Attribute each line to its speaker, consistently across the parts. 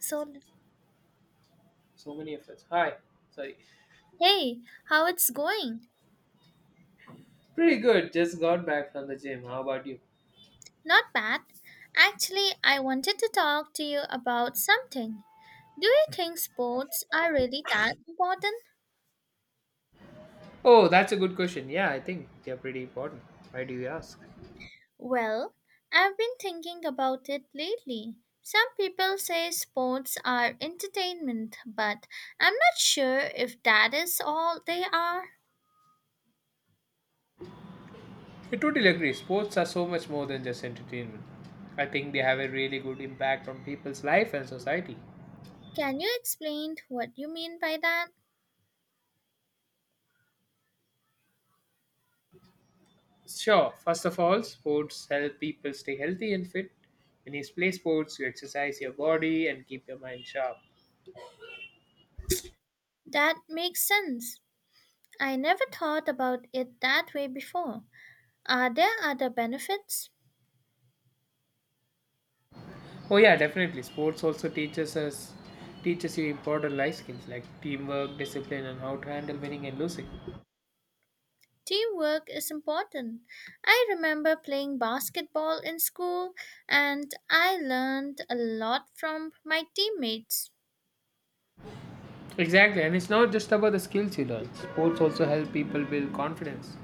Speaker 1: So,
Speaker 2: So many efforts. Hi. Sorry.
Speaker 1: hey, how it's going?
Speaker 2: Pretty good. Just got back from the gym. How about you?
Speaker 1: Not bad. Actually, I wanted to talk to you about something. Do you think sports are really that important?
Speaker 2: Oh, that's a good question. Yeah, I think they're pretty important. Why do you ask?
Speaker 1: Well, I've been thinking about it lately. Some people say sports are entertainment, but I'm not sure if that is all they are.
Speaker 2: I totally agree. Sports are so much more than just entertainment. I think they have a really good impact on people's life and society.
Speaker 1: Can you explain what you mean by that?
Speaker 2: Sure, first of all, sports help people stay healthy and fit. When you play sports, you exercise your body and keep your mind sharp.
Speaker 1: That makes sense. I never thought about it that way before. Are there other benefits?
Speaker 2: Oh yeah, definitely. Sports also teaches you important life skills like teamwork, discipline, and how to handle winning and losing.
Speaker 1: Teamwork is important. I remember playing basketball in school and I learned a lot from my teammates.
Speaker 2: Exactly, and it's not just about the skills you learn. Sports also help people build confidence.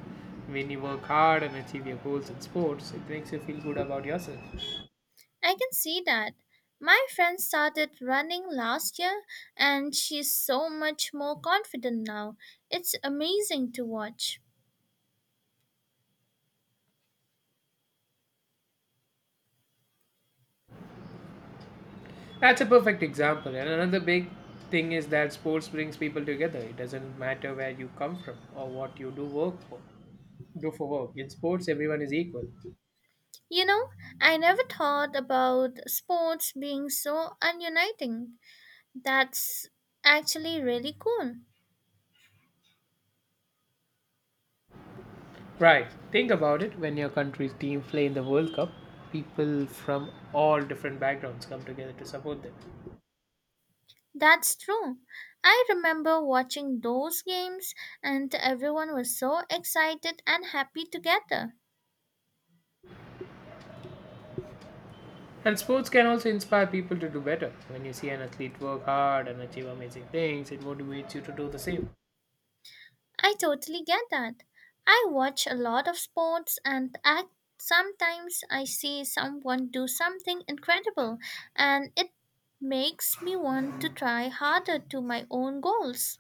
Speaker 2: When you work hard and achieve your goals in sports, it makes you feel good about yourself.
Speaker 1: I can see that. My friend started running last year and she's so much more confident now. It's amazing to watch.
Speaker 2: That's a perfect example. And another big thing is that sports brings people together. It doesn't matter where you come from or what you do work for. Do for work. In sports, everyone is equal.
Speaker 1: You know, I never thought about sports being so ununiting. That's actually really cool.
Speaker 2: Right. Think about it. When your country's team play in the World Cup, people from all different backgrounds come together to support them.
Speaker 1: That's true. I remember watching those games, and everyone was so excited and happy together.
Speaker 2: And sports can also inspire people to do better. When you see an athlete work hard and achieve amazing things, it motivates you to do the same.
Speaker 1: I totally get that. I watch a lot of sports, and I, sometimes I see someone do something incredible, and it makes me want to try harder to my own goals.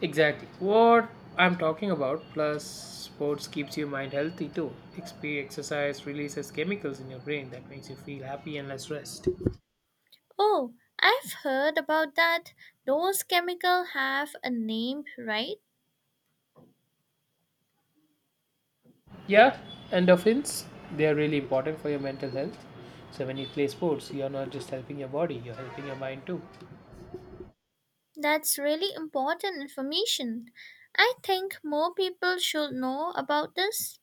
Speaker 2: Exactly. What I'm talking about, plus sports keeps your mind healthy too. Exercise releases chemicals in your brain that makes you feel happy and less stressed.
Speaker 1: Oh, I've heard about that. Those chemicals have a name, right?
Speaker 2: Yeah, endorphins, they are really important for your mental health. So when you play sports, you're not just helping your body, you're helping your mind too.
Speaker 1: That's really important information. I think more people should know about this.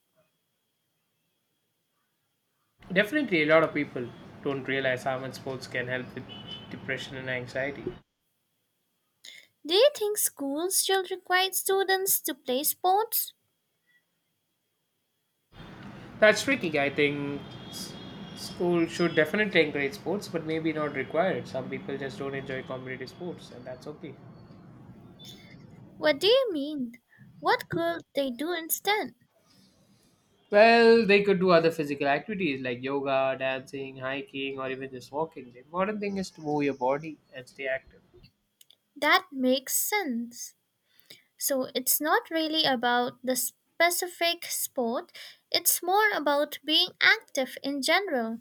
Speaker 2: Definitely, a lot of people don't realize how much sports can help with depression and anxiety.
Speaker 1: Do you think schools still require students to play sports?
Speaker 2: That's tricky. I think s- school should definitely encourage sports, but maybe not require it. Some people just don't enjoy competitive sports, and that's okay.
Speaker 1: What do you mean? What could they do instead?
Speaker 2: Well, they could do other physical activities like yoga, dancing, hiking, or even just walking. The important thing is to move your body and stay active.
Speaker 1: That makes sense. So it's not really about the specific sport, it's more about being active in general.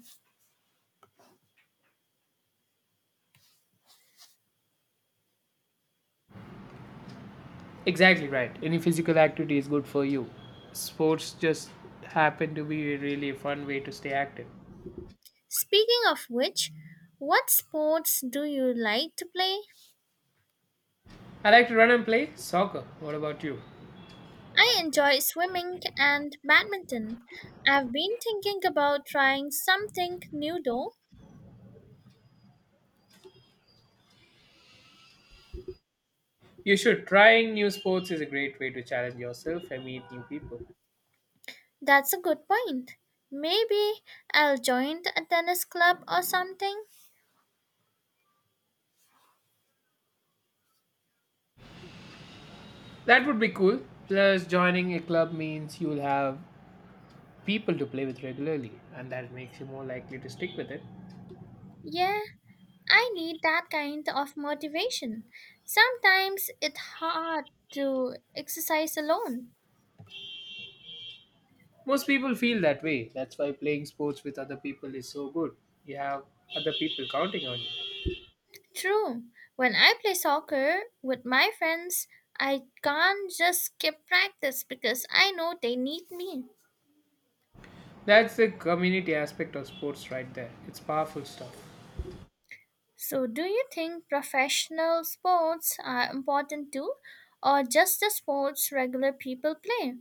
Speaker 2: Exactly right. Any physical activity is good for you. Sports just happen to be a really fun way to stay active.
Speaker 1: Speaking of which, what sports do you like to play?
Speaker 2: I like to run and play soccer. What about you?
Speaker 1: I enjoy swimming and badminton. I've been thinking about trying something new though.
Speaker 2: You should. Trying new sports is a great way to challenge yourself and meet new people.
Speaker 1: That's a good point. Maybe I'll join a tennis club or something.
Speaker 2: That would be cool. Plus, joining a club means you'll have people to play with regularly, and that makes you more likely to stick with it.
Speaker 1: Yeah, I need that kind of motivation. Sometimes it's hard to exercise alone.
Speaker 2: Most people feel that way. That's why playing sports with other people is so good. You have other people counting on you.
Speaker 1: True, when I play soccer with my friends, I can't just skip practice because I know they need me.
Speaker 2: That's the community aspect of sports right there. It's powerful stuff.
Speaker 1: So, do you think professional sports are important too, or just the sports regular people play?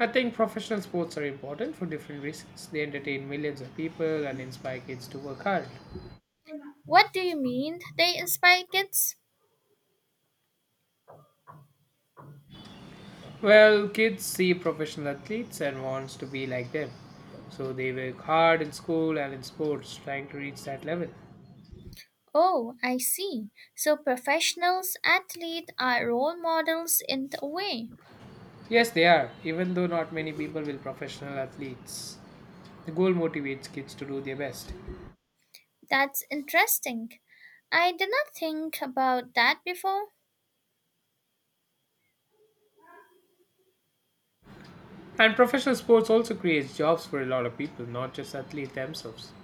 Speaker 2: I think professional sports are important for different reasons. They entertain millions of people and inspire kids to work hard.
Speaker 1: What do you mean they inspire kids?
Speaker 2: Well, kids see professional athletes and wants to be like them. So they work hard in school and in sports trying to reach that level.
Speaker 1: Oh, I see. So, professionals athletes are role models in a way.
Speaker 2: Yes, they are, even though not many people will professional athletes. The goal motivates kids to do their best.
Speaker 1: That's interesting. I did not think about that before.
Speaker 2: And professional sports also creates jobs for a lot of people, not just athletes themselves.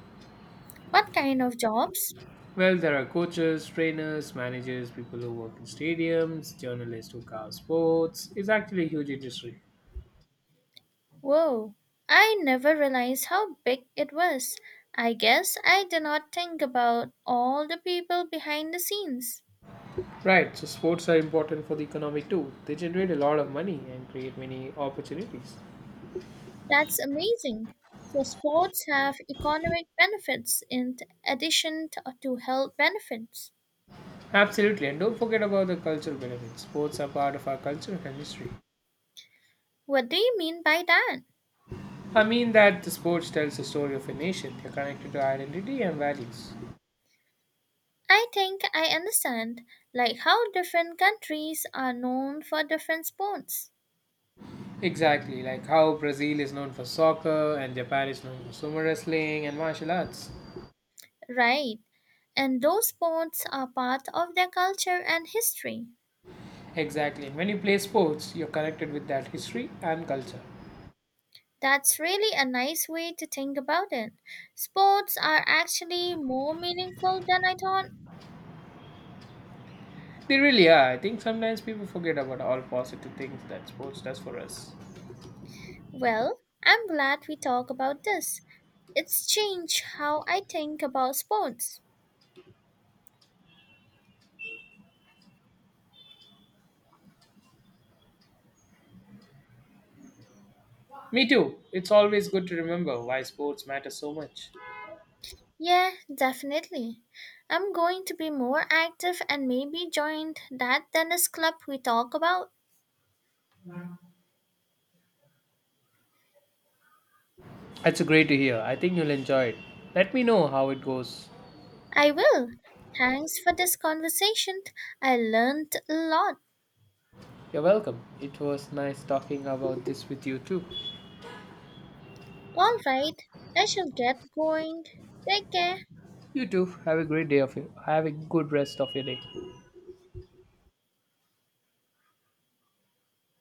Speaker 1: What kind of jobs?
Speaker 2: Well, there are coaches, trainers, managers, people who work in stadiums, journalists who cover sports. It's actually a huge industry.
Speaker 1: Whoa, I never realized how big it was. I guess I did not think about all the people behind the scenes.
Speaker 2: Right, so sports are important for the economy too. They generate a lot of money and create many opportunities.
Speaker 1: That's amazing. So, sports have economic benefits in addition to health benefits.
Speaker 2: Absolutely, and don't forget about the cultural benefits. Sports are part of our culture and history.
Speaker 1: What do you mean by that?
Speaker 2: I mean that the sports tells the story of a nation. They're connected to identity and values.
Speaker 1: I think I understand, like how different countries are known for different sports.
Speaker 2: Exactly, like how Brazil is known for soccer and Japan is known for sumo wrestling and martial arts.
Speaker 1: Right, and those sports are part of their culture and history.
Speaker 2: Exactly. When you play sports, you're connected with that history and culture.
Speaker 1: That's really a nice way to think about it. Sports are actually more meaningful than I thought.
Speaker 2: They really are. I think sometimes people forget about all positive things that sports does for us.
Speaker 1: Well, I'm glad we talk about this. It's changed how I think about sports.
Speaker 2: Me too. It's always good to remember why sports matter so much.
Speaker 1: Yeah, definitely. I'm going to be more active and maybe join that tennis club we talk about.
Speaker 2: That's great to hear. I think you'll enjoy it. Let me know how it goes.
Speaker 1: I will. Thanks for this conversation. I learned a lot.
Speaker 2: You're welcome. It was nice talking about this with you too.
Speaker 1: All right, I shall get going. Take care.
Speaker 2: You too. Have a great day of you. Have a good rest of your day.